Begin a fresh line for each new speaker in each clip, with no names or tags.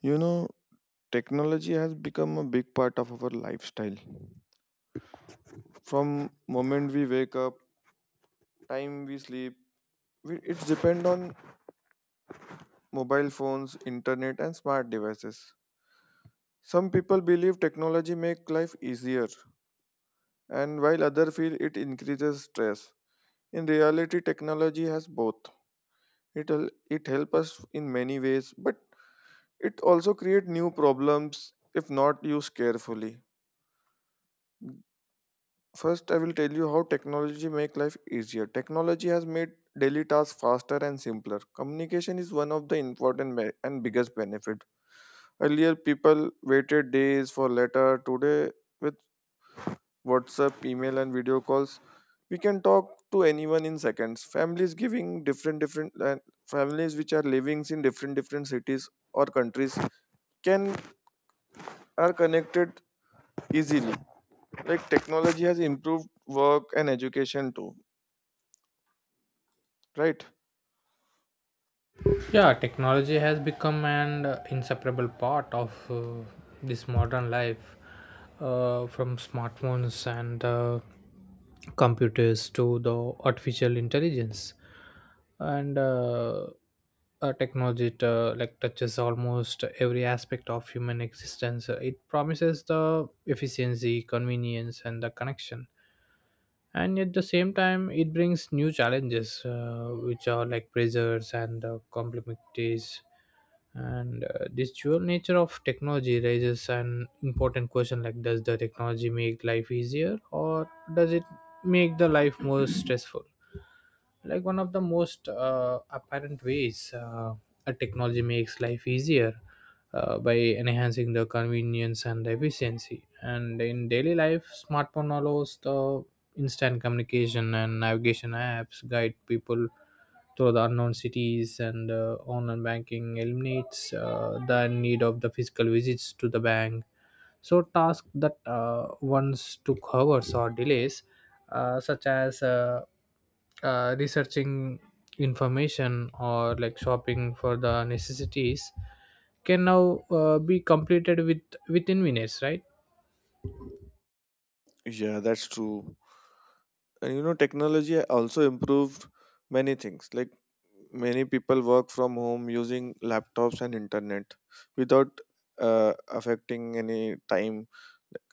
You know, Technology has become a big part of our lifestyle. From moment we wake up, time we sleep, it's depend on mobile phones, internet, and smart devices. Some people believe technology make life easier, and while other feel it increases stress. In reality, technology has both. It help us in many ways, but it also create new problems if not used carefully. First, I will tell you how technology make life easier. Technology has made daily tasks faster and simpler. Communication is one of the important and biggest benefit. Earlier, people waited days for letter. Today, with WhatsApp, email, and video calls, we can talk to anyone in seconds. Families which are living in different different cities or countries can are connected easily. Like technology has improved work and education too, right?
Yeah, technology has become an inseparable part of this modern life, from smartphones and computers to the artificial intelligence, and technology like touches almost every aspect of human existence. It promises the efficiency, convenience, and the connection and at the same time it brings new challenges which are like pressures and complexities and this dual nature of technology raises an important question like does the technology make life easier or does it make the life more stressful like one of the most apparent ways a technology makes life easier by enhancing the convenience and efficiency and in daily life smartphone allows the instant communication and navigation apps guide people through the unknown cities and online banking eliminates the need of the physical visits to the bank so, tasks that once took hours or delays, such as researching information or like shopping for the necessities, can now be completed with within minutes, right?
Yeah, that's true. And you know, technology also improved many things. Like many people work from home using laptops and internet without affecting any time.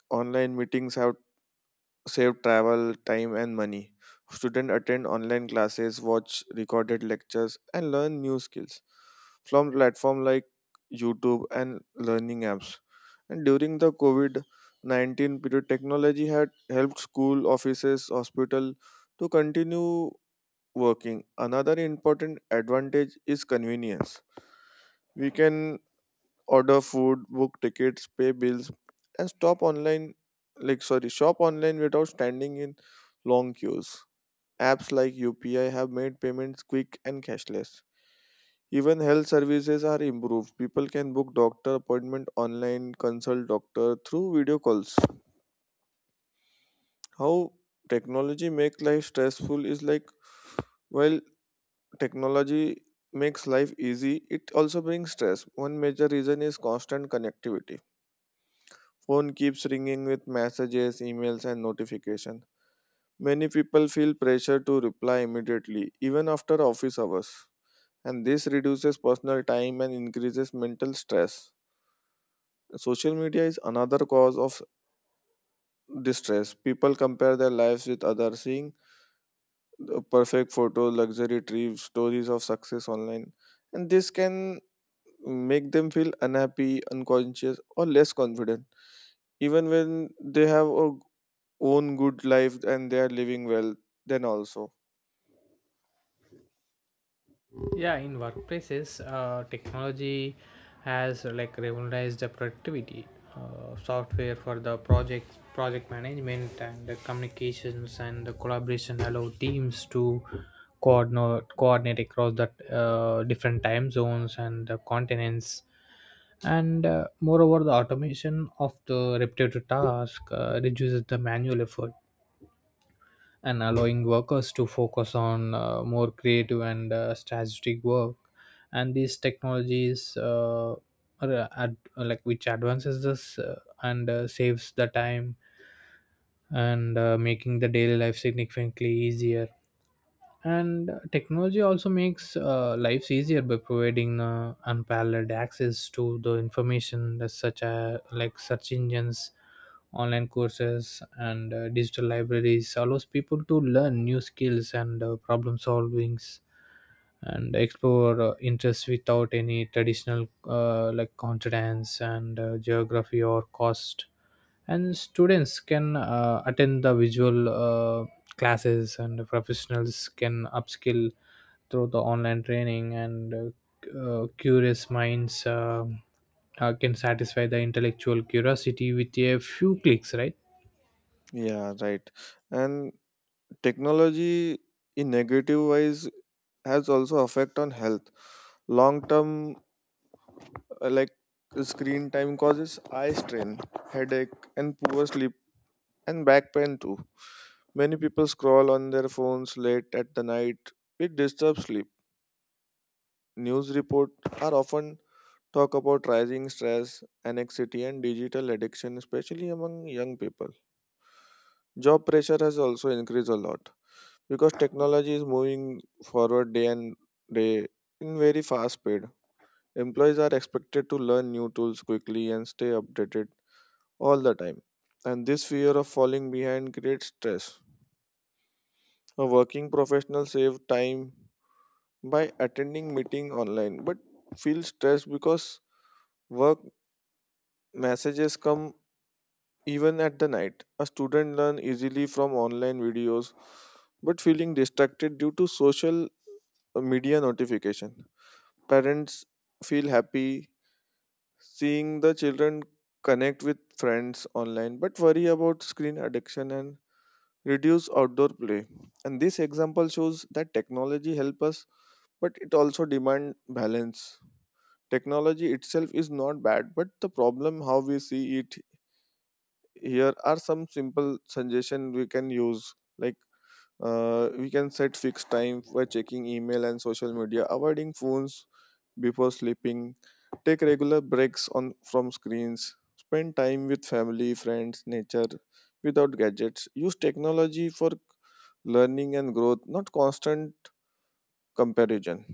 Online meetings have save travel time and money, students attend online classes, watch recorded lectures and learn new skills from platforms like YouTube and learning apps, and during the covid-19 period technology had helped school, offices, hospital to continue working. Another important advantage is convenience. We can order food, book tickets, pay bills, and stop online like sorry, shop online without standing in long queues. Apps like UPI have made payments quick and cashless. Even health services are improved. People can book doctor appointment online, consult doctor through video calls. How technology make life stressful is like, while technology makes life easy, it also brings stress. One major reason is constant connectivity. Phone keeps ringing with messages, emails, and notifications. Many people feel pressure to reply immediately, even after office hours. And this reduces personal time and increases mental stress. Social media is another cause of distress. People compare their lives with others, seeing the perfect photos, luxury trips, stories of success online. And this can make them feel unhappy, unconscious, or less confident, even when they have a own good life and they are living well, then also.
Yeah, in workplaces technology has like revolutionized the productivity software for the project management and the communications and the collaboration allow teams to coordinate across the different time zones and the continents and moreover the automation of the repetitive task reduces the manual effort and allowing workers to focus on more creative and strategic work and these technologies are like which advances this and saves the time and making the daily life significantly easier and technology also makes lives easier by providing unparalleled access to the information that such a like search engines online courses and digital libraries allows people to learn new skills and problem solvings and explore interests without any traditional like confidence and geography or cost and students can attend the visual classes and professionals can upskill through the online training and curious minds can satisfy the intellectual curiosity with a few clicks, right?
Yeah, right. And technology in negative wise has also effect on health long term, like screen time causes eye strain, headache and poor sleep, and back pain too. Many people scroll on their phones late at the night, it disturbs sleep. News report are often talk about rising stress, anxiety, and digital addiction, especially among young people. Job pressure has also increased a lot because technology is moving forward day and day in very fast speed. Employees are expected to learn new tools quickly and stay updated all the time. And this fear of falling behind creates stress. A working professional save time by attending meeting online but feels stressed because work messages come even at the night. A student learn easily from online videos but feeling distracted due to social media notification. Parents feel happy seeing the children connect with friends online but worry about screen addiction and reduce outdoor play. And this example shows that technology help us but it also demand balance. Technology itself is not bad but the problem how we see it. Here are some simple suggestion we can use, like we can set fixed time for checking email and social media, avoiding phones before sleeping, take regular breaks on from screens, spend time with family, friends, nature without gadgets, use technology for learning and growth, not constant comparison.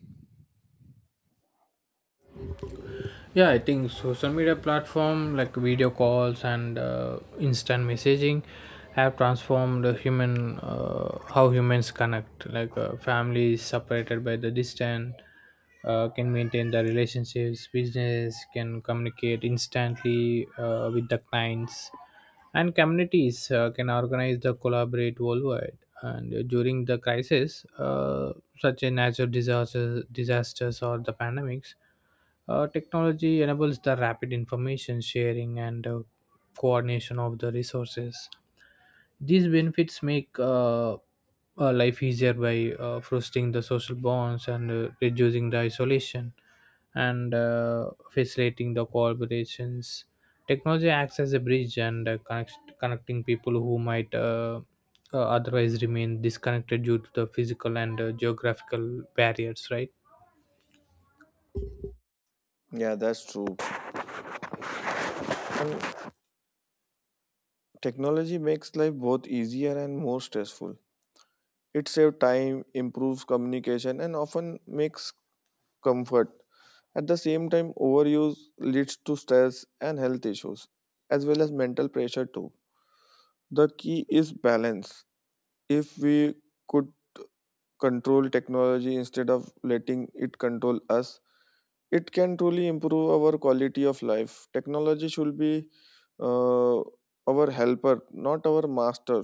Yeah, I think social media platform like video calls and instant messaging have transformed the human how humans connect like families separated by the distance can maintain the relationships business can communicate instantly with the clients and communities can organize the collaborate worldwide and during the crisis such as natural disasters or the pandemics, technology enables the rapid information sharing and coordination of the resources. These benefits make life easier by fostering the social bonds and reducing the isolation and facilitating the collaborations. Technology acts as a bridge and connecting people who might otherwise remain disconnected due to the physical and geographical barriers, right?
Yeah, that's true. And technology makes life both easier and more stressful. It saves time, improves communication and often makes comfort. At the same time, overuse leads to stress and health issues, as well as mental pressure too. The key is balance. If we could control technology instead of letting it control us, it can truly improve our quality of life. Technology should be uh, our helper, not our master.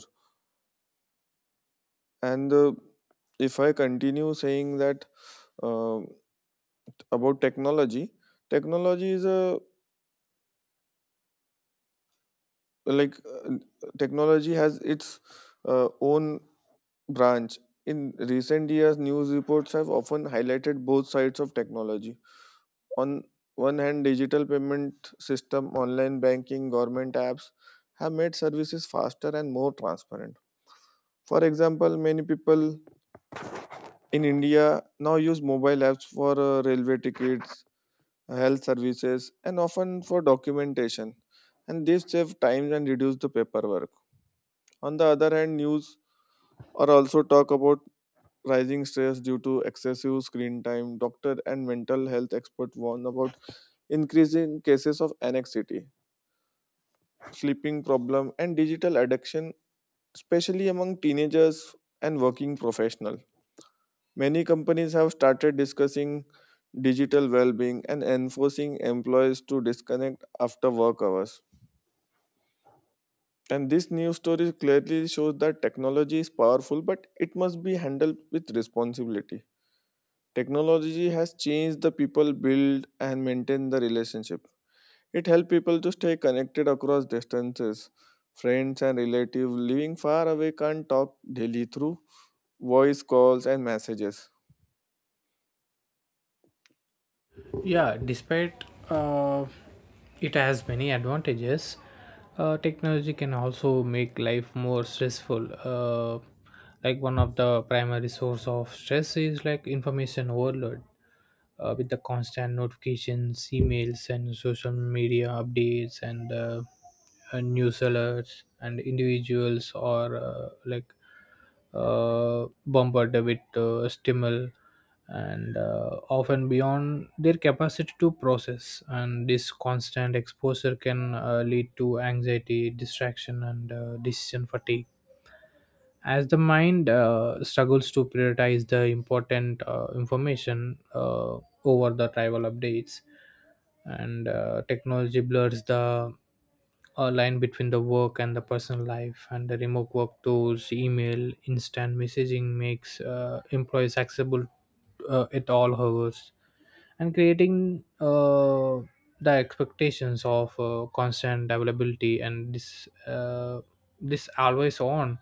And if I continue saying that uh, about technology, technology is a like uh, technology has its own branch. In recent years, news reports have often highlighted both sides of technology. On one hand, digital payment system, online banking, government apps have made services faster and more transparent. For example, many people in India now use mobile apps for railway tickets, health services, and often for documentation. And this save time and reduce the paperwork. On the other hand, news or also talk about rising stress due to excessive screen time. Doctor and mental health expert warn about increasing cases of anxiety, sleeping problem and digital addiction, especially among teenagers and working professionals. Many companies have started discussing digital well-being and enforcing employees to disconnect after work hours. And this news story clearly shows that technology is powerful but it must be handled with responsibility. Technology has changed the people build and maintain the relationship. It helps people to stay connected across distances. Friends and relatives living far away can talk daily through voice calls and messages.
Yeah, despite uh, it has many advantages, technology can also make life more stressful. Like one of the primary source of stress is like information overload with the constant notifications, emails, and social media updates, and news alerts, and individuals are like bombarded with stimuli and often beyond their capacity to process. And this constant exposure can lead to anxiety, distraction, and decision fatigue as the mind struggles to prioritize the important information over the trivial updates and technology blurs the line between the work and the personal life and the remote work tools email instant messaging makes employees accessible at all hours and creating the expectations of constant availability and this always on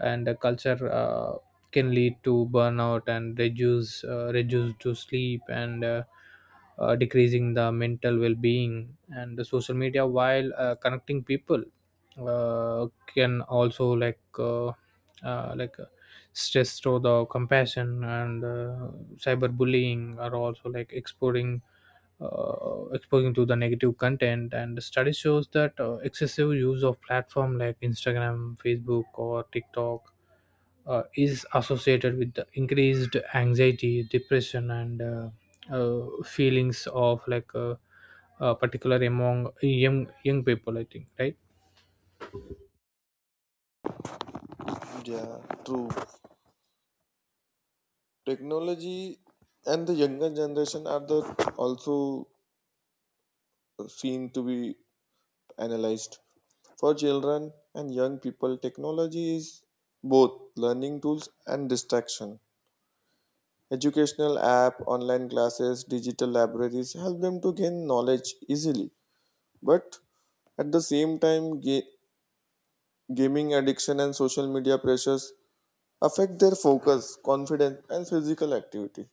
and the culture can lead to burnout and reduce to sleep and decreasing the mental well-being and the social media while connecting people uh, can also like stress through the compassion and cyberbullying are also like exporting exposing to the negative content and the study shows that excessive use of platform like instagram facebook or tiktok is associated with the increased anxiety, depression, and feelings of like particular among young people. I think, right.
Yeah, true. Technology and the younger generation are the also seen to be analyzed. For children and young people, technology is both learning tools and distraction. Educational app, online classes, digital libraries help them to gain knowledge easily. But at the same time, gaming addiction and social media pressures affect their focus, confidence, and physical activity.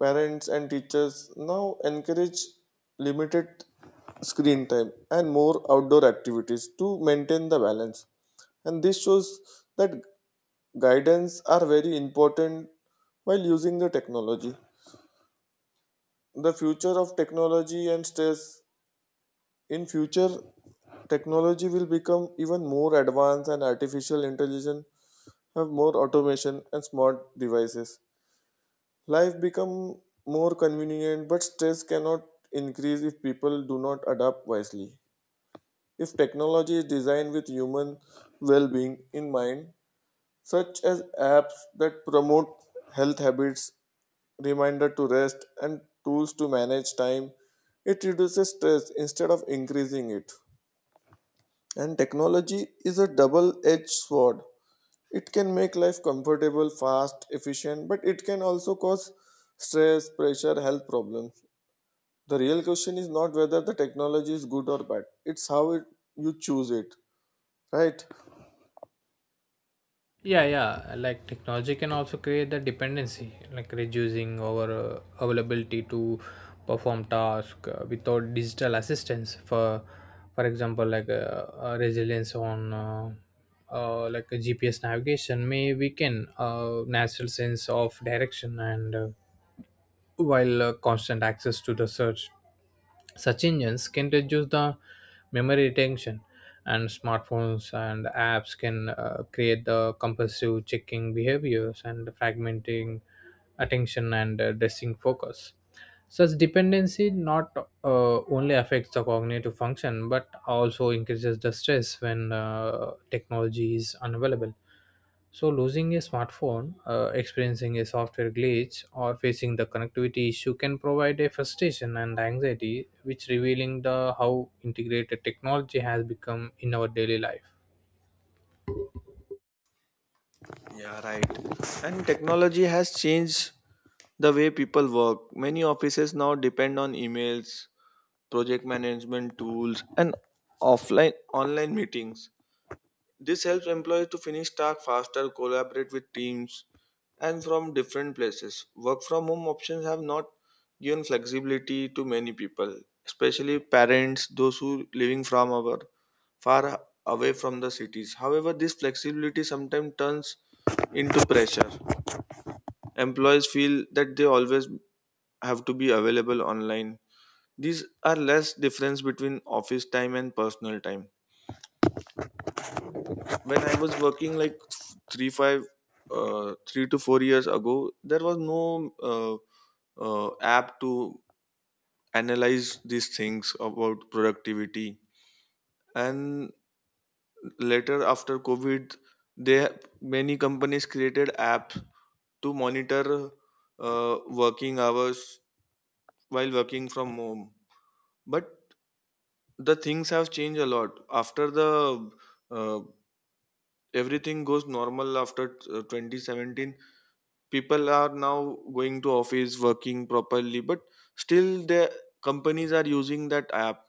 Parents and teachers now encourage limited screen time and more outdoor activities to maintain the balance. And this shows that guidance are very important while using the technology. The future of technology and stress: in future technology will become even more advanced, and artificial intelligence have more automation and smart devices, life become more convenient, but stress cannot increase if people do not adapt wisely. If technology is designed with human well-being in mind, such as apps that promote health habits, reminder to rest, and tools to manage time, it reduces stress instead of increasing it. And technology is a double edged sword. It can make life comfortable, fast, efficient, but it can also cause stress, pressure, health problems. The real question is not whether the technology is good or bad, it's how it, you choose it, right?
Yeah, yeah. Like technology can also create the dependency, like reducing our availability to perform tasks without digital assistance. For example, like resilience on. Like a GPS navigation may weaken natural sense of direction and while constant access to the search such engines can reduce the memory retention and smartphones and apps can create the compulsive checking behaviors and fragmenting attention and dressing focus such dependency not only affects the cognitive function but also increases the stress when technology is unavailable so, losing a smartphone, experiencing a software glitch, or facing the connectivity issue can provide a frustration and anxiety, which revealing the how integrated technology has become in our daily life.
Yeah, right. And technology has changed the way people work. Many offices now depend on emails, project management tools, and offline online meetings. This helps employees to finish tasks faster, collaborate with teams, and from different places. Work from home options have not given flexibility to many people, especially parents, those who living from our far away from the cities. However, this flexibility sometimes turns into pressure. Employees feel that they always have to be available online. These are less difference between office time and personal time. When I was working like three five 3 to 4 years ago, there was no app to analyze these things about productivity, and later after covid, they many companies created apps to monitor uh, working hours while working from home. But the things have changed a lot after the uh, everything goes normal after 2017. People are now going to office working properly, but still the companies are using that app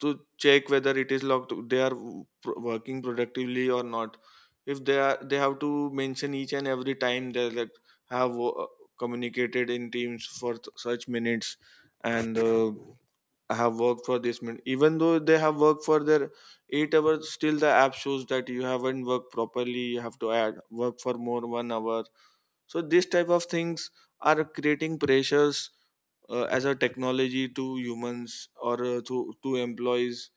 to check whether it is locked, they are working productively or not. If they are, they have to mention each and every time they, like, have communicated in teams for such minutes, and have worked for this minute. Even though they have worked for their 8 hours, still the app shows that you haven't worked properly, you have to add work for more 1 hour. So this type of things are creating pressures as a technology to humans, or to employees,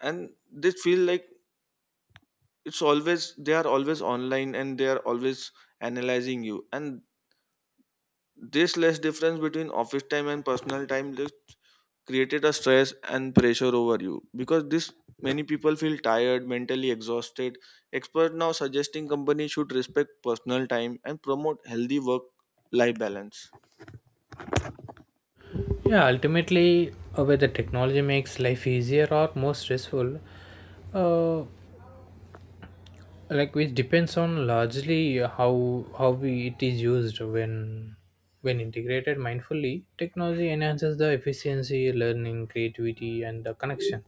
and they feel like it's always, they are always online, and they are always analyzing you. And this less difference between office time and personal time just created a stress and pressure over you, because this many people feel tired, mentally exhausted. Experts now suggesting companies should respect personal time and promote healthy work life balance.
Yeah, ultimately, whether technology makes life easier or more stressful, uh, like it depends on largely how we, it is used when integrated mindfully technology enhances the efficiency learning creativity and the connection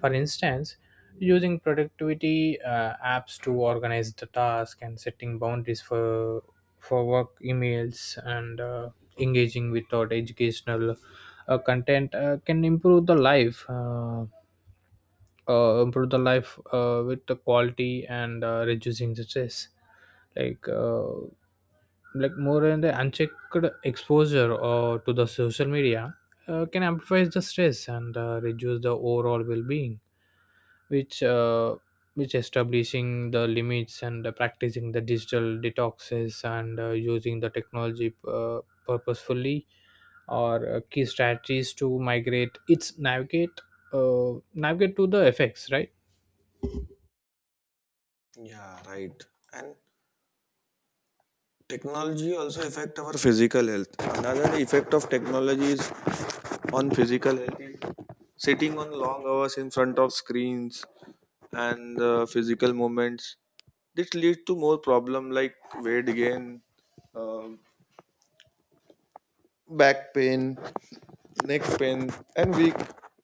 for instance using productivity apps to organize the task and setting boundaries for work emails and engaging without educational content can improve the life with the quality and reducing the stress like uh, like more in the unchecked exposure to the social media can amplify the stress and reduce the overall well-being which uh, which establishing the limits and practicing the digital detoxes and using the technology purposefully or key strategies to migrate its navigate navigate to the effects, right?
Yeah, right. And technology also affect our physical health. Another effect of technology is on physical health is sitting on long hours in front of screens and physical movements. This leads to more problem like weight gain, uh, back pain, neck pain and weak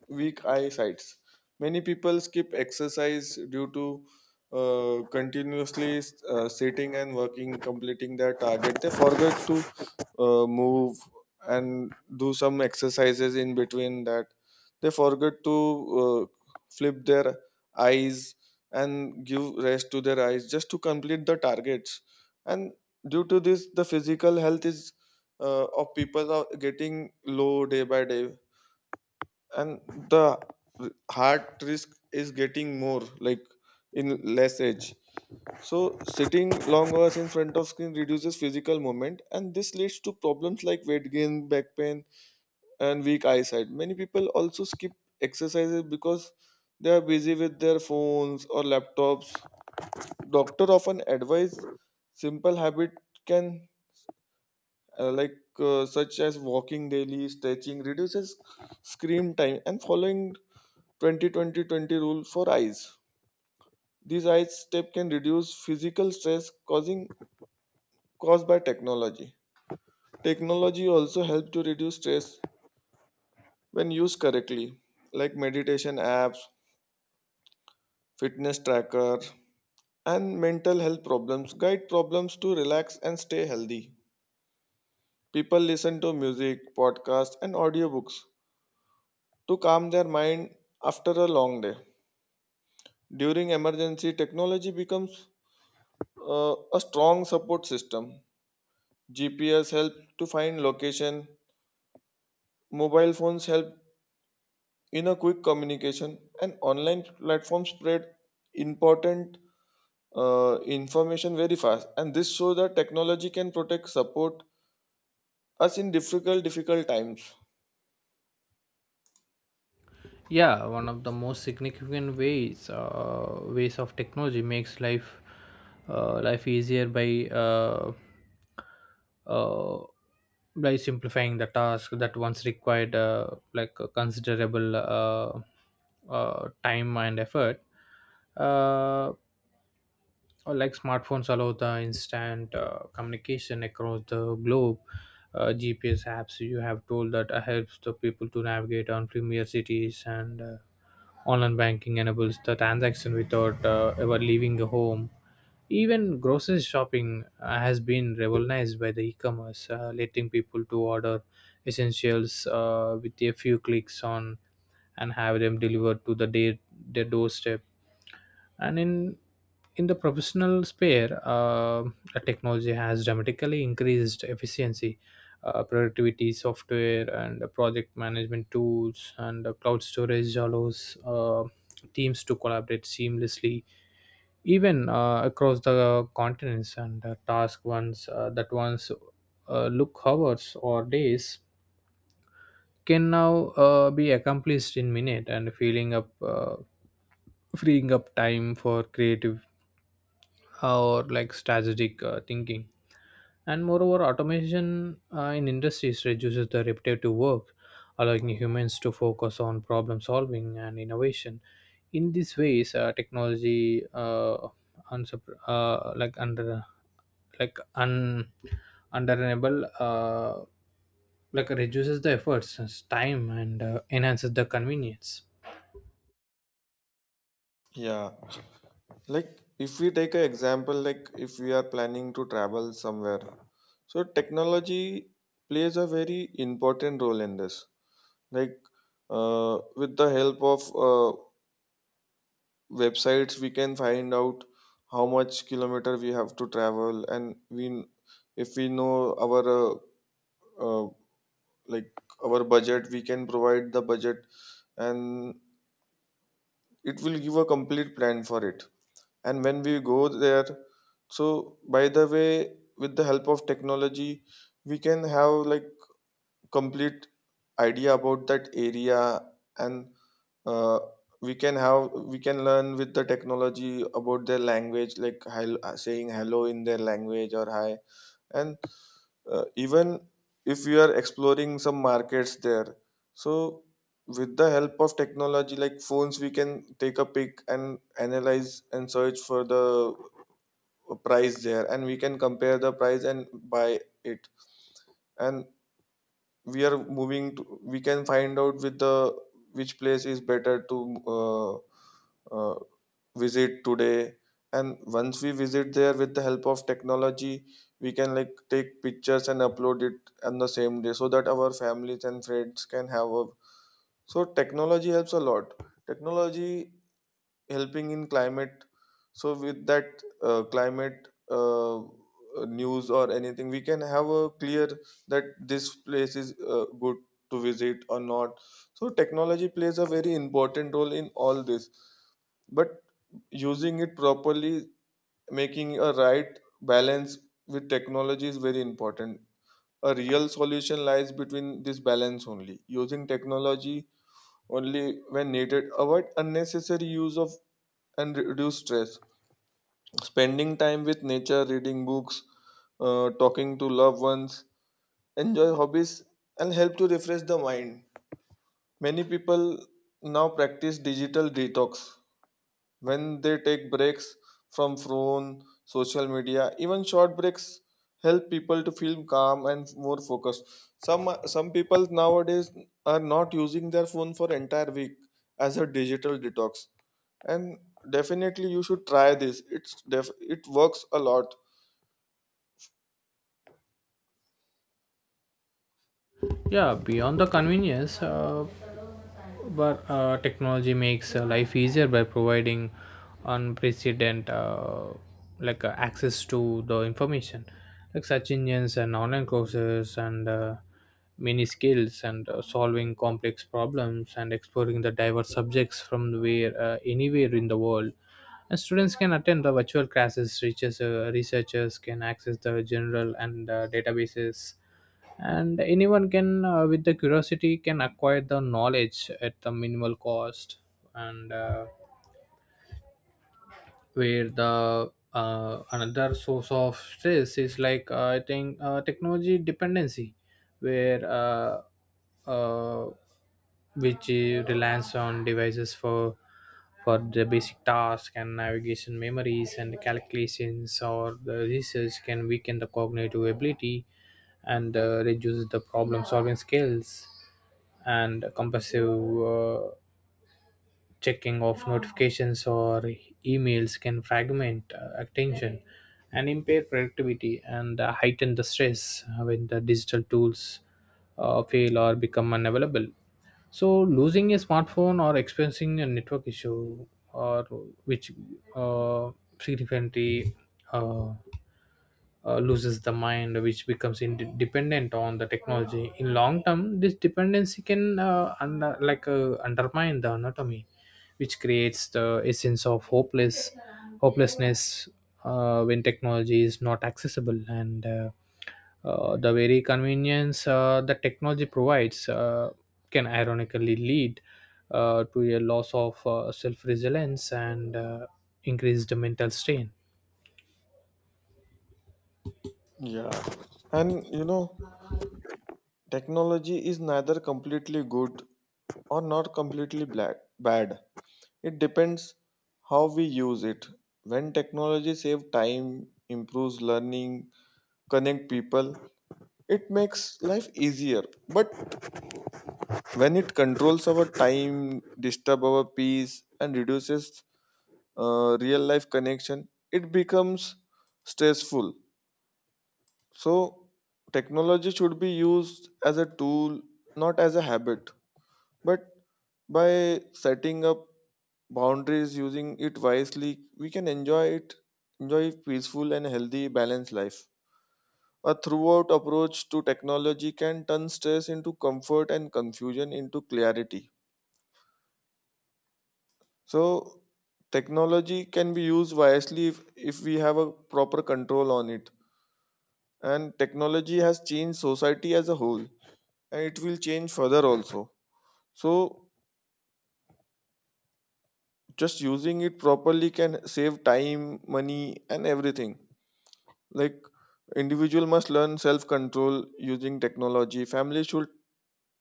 weak eyesights. Many people skip exercise due to continuously sitting and working completing their target. They forget to move and do some exercises in between that. They forget to uh, flip their eyes and give rest to their eyes just to complete the targets. And due to this the physical health is of people are getting low day by day, and the heart risk is getting more like in less age. So sitting long hours in front of screen reduces physical movement, and this leads to problems like weight gain, back pain and weak eyesight. Many people also skip exercises because they are busy with their phones or laptops. Doctor often advise simple habit can such as walking daily, stretching, reduces screen time, and following 20-20-20 rule for eyes. These eyes step can reduce physical stress causing caused by technology. Technology also helps to reduce stress when used correctly, like meditation apps, fitness tracker, and mental health problems guide problems to relax and stay healthy. People listen to music, podcasts, and audiobooks to calm their mind after a long day. During emergency, technology becomes a strong support system. GPS help to find location, mobile phones help in a quick communication, and online platforms spread important information very fast. And this shows that technology can protect, support us in difficult times.
Yeah, one of the most significant ways of technology makes life life easier uh, by simplifying the task that once required like a considerable time and effort uh, or like smartphones allow the instant communication across the globe, gps apps you have told that helps the people to navigate on premier cities and online banking enables the transaction without ever leaving the home even grocery shopping has been revolutionized by the e-commerce letting people to order essentials with a few clicks on and have them delivered to their doorstep and in the professional sphere the technology has dramatically increased efficiency productivity software and the project management tools and the cloud storage allows teams to collaborate seamlessly even across the continents and the task ones that once look hours or days can now be accomplished in minute and filling up freeing up time for creative or like strategic thinking. And moreover, automation in industries reduces the repetitive work, allowing humans to focus on problem solving and innovation. In these ways, technology unsup- uh, like under like un underenable like reduces the efforts, time, and enhances the convenience.
Yeah, like if we take an example, like if we are planning to travel somewhere, so technology plays a very important role in this. Like with the help of websites we can find out how much kilometer we have to travel, and we, if we know our uh, like our budget, we can provide the budget and it will give a complete plan for it. And when we go there, so by the way, with the help of technology we can have like complete idea about that area. And uh, we can learn with the technology about their language, like saying hello in their language or hi. And even if we are exploring some markets there, so with the help of technology, like phones, we can take a pic and analyze and search for the price there, and we can compare the price and buy it. And we are moving to, we can find out with the which place is better to uh, visit today. And once we visit there, with the help of technology we can like take pictures and upload it on the same day so that our families and friends can have a, so technology helps a lot. Technology helping in climate, so with that climate news or anything, we can have a clear that this place is good to visit or not. So technology plays a very important role in all this, but using it properly, making a right balance with technology is very important. A real solution lies between this balance, only using technology only when needed, avoid unnecessary use of and reduce stress. Spending time with nature, reading books, talking to loved ones, enjoy hobbies and help to refresh the mind. Many people now practice digital detox when they take breaks from phone social media. Even short breaks help people to feel calm and more focused. Some people nowadays are not using their phone for entire week as a digital detox. And definitely you should try this, it works a lot.
Yeah, beyond the convenience. But technology makes life easier by providing unprecedented access to the information like search engines and online courses and many skills and solving complex problems and exploring the diverse subjects from where anywhere in the world and students can attend the virtual classes researchers can access the general and databases and anyone can with the curiosity can acquire the knowledge at the minimal cost and where the another source of stress is I think technology dependency where uh, which relies on devices for the basic task and navigation memories and calculations or the research can weaken the cognitive ability and reduces the problem solving skills and compulsive uh, checking of notifications or emails can fragment attention and impair productivity and heighten the stress when the digital tools fail or become unavailable so losing a smartphone or experiencing a network issue or which uh, significantly uh, loses the mind which becomes dependent on the technology in long term this dependency can undermine the anatomy which creates the essence of hopelessness when technology is not accessible and the very convenience that technology provides can ironically lead to a loss of self-resilience and increased mental strain.
Yeah, and you know, technology is neither completely good or not completely black, bad. It depends how we use it. When technology saves time, improves learning, connect people, it makes life easier. But when it controls our time, disturb our peace, and reduces real life connection, it becomes stressful. So technology should be used as a tool, not as a habit. But by setting up boundaries, using it wisely, we can enjoy it, enjoy peaceful and healthy, balanced life. A throughout approach to technology can turn stress into comfort and confusion into clarity. So, technology can be used wisely if we have a proper control on it. And technology has changed society as a whole, and it will change further also. So, just using it properly can save time money and everything. Like individual must learn self control using technology. Family should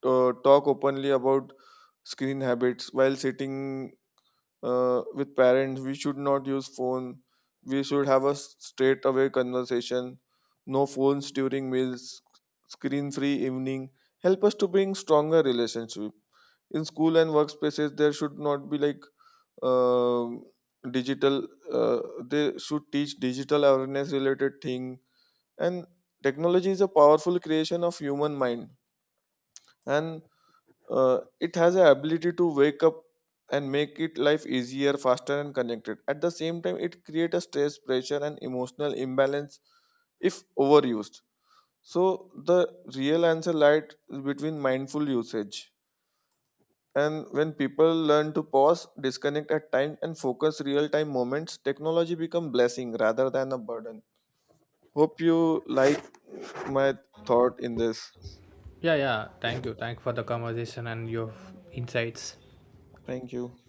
talk openly about screen habits. While sitting with parents we should not use phone, we should have a straight away conversation. No phones during meals, screen free evening help us to bring stronger relationship. In school and workspaces there should not be like um, digital they should teach digital awareness related thing. And technology is a powerful creation of human mind, and it has a ability to wake up and make it life easier, faster and connected. At the same time it create a stress, pressure and emotional imbalance if overused. So the real answer lies between mindful usage. And when people learn to pause, disconnect at times, and focus real time moments, technology become blessing rather than a burden. Hope you like my thought in this.
Yeah, yeah. Thank you. Thank you for the conversation and your insights.
Thank you.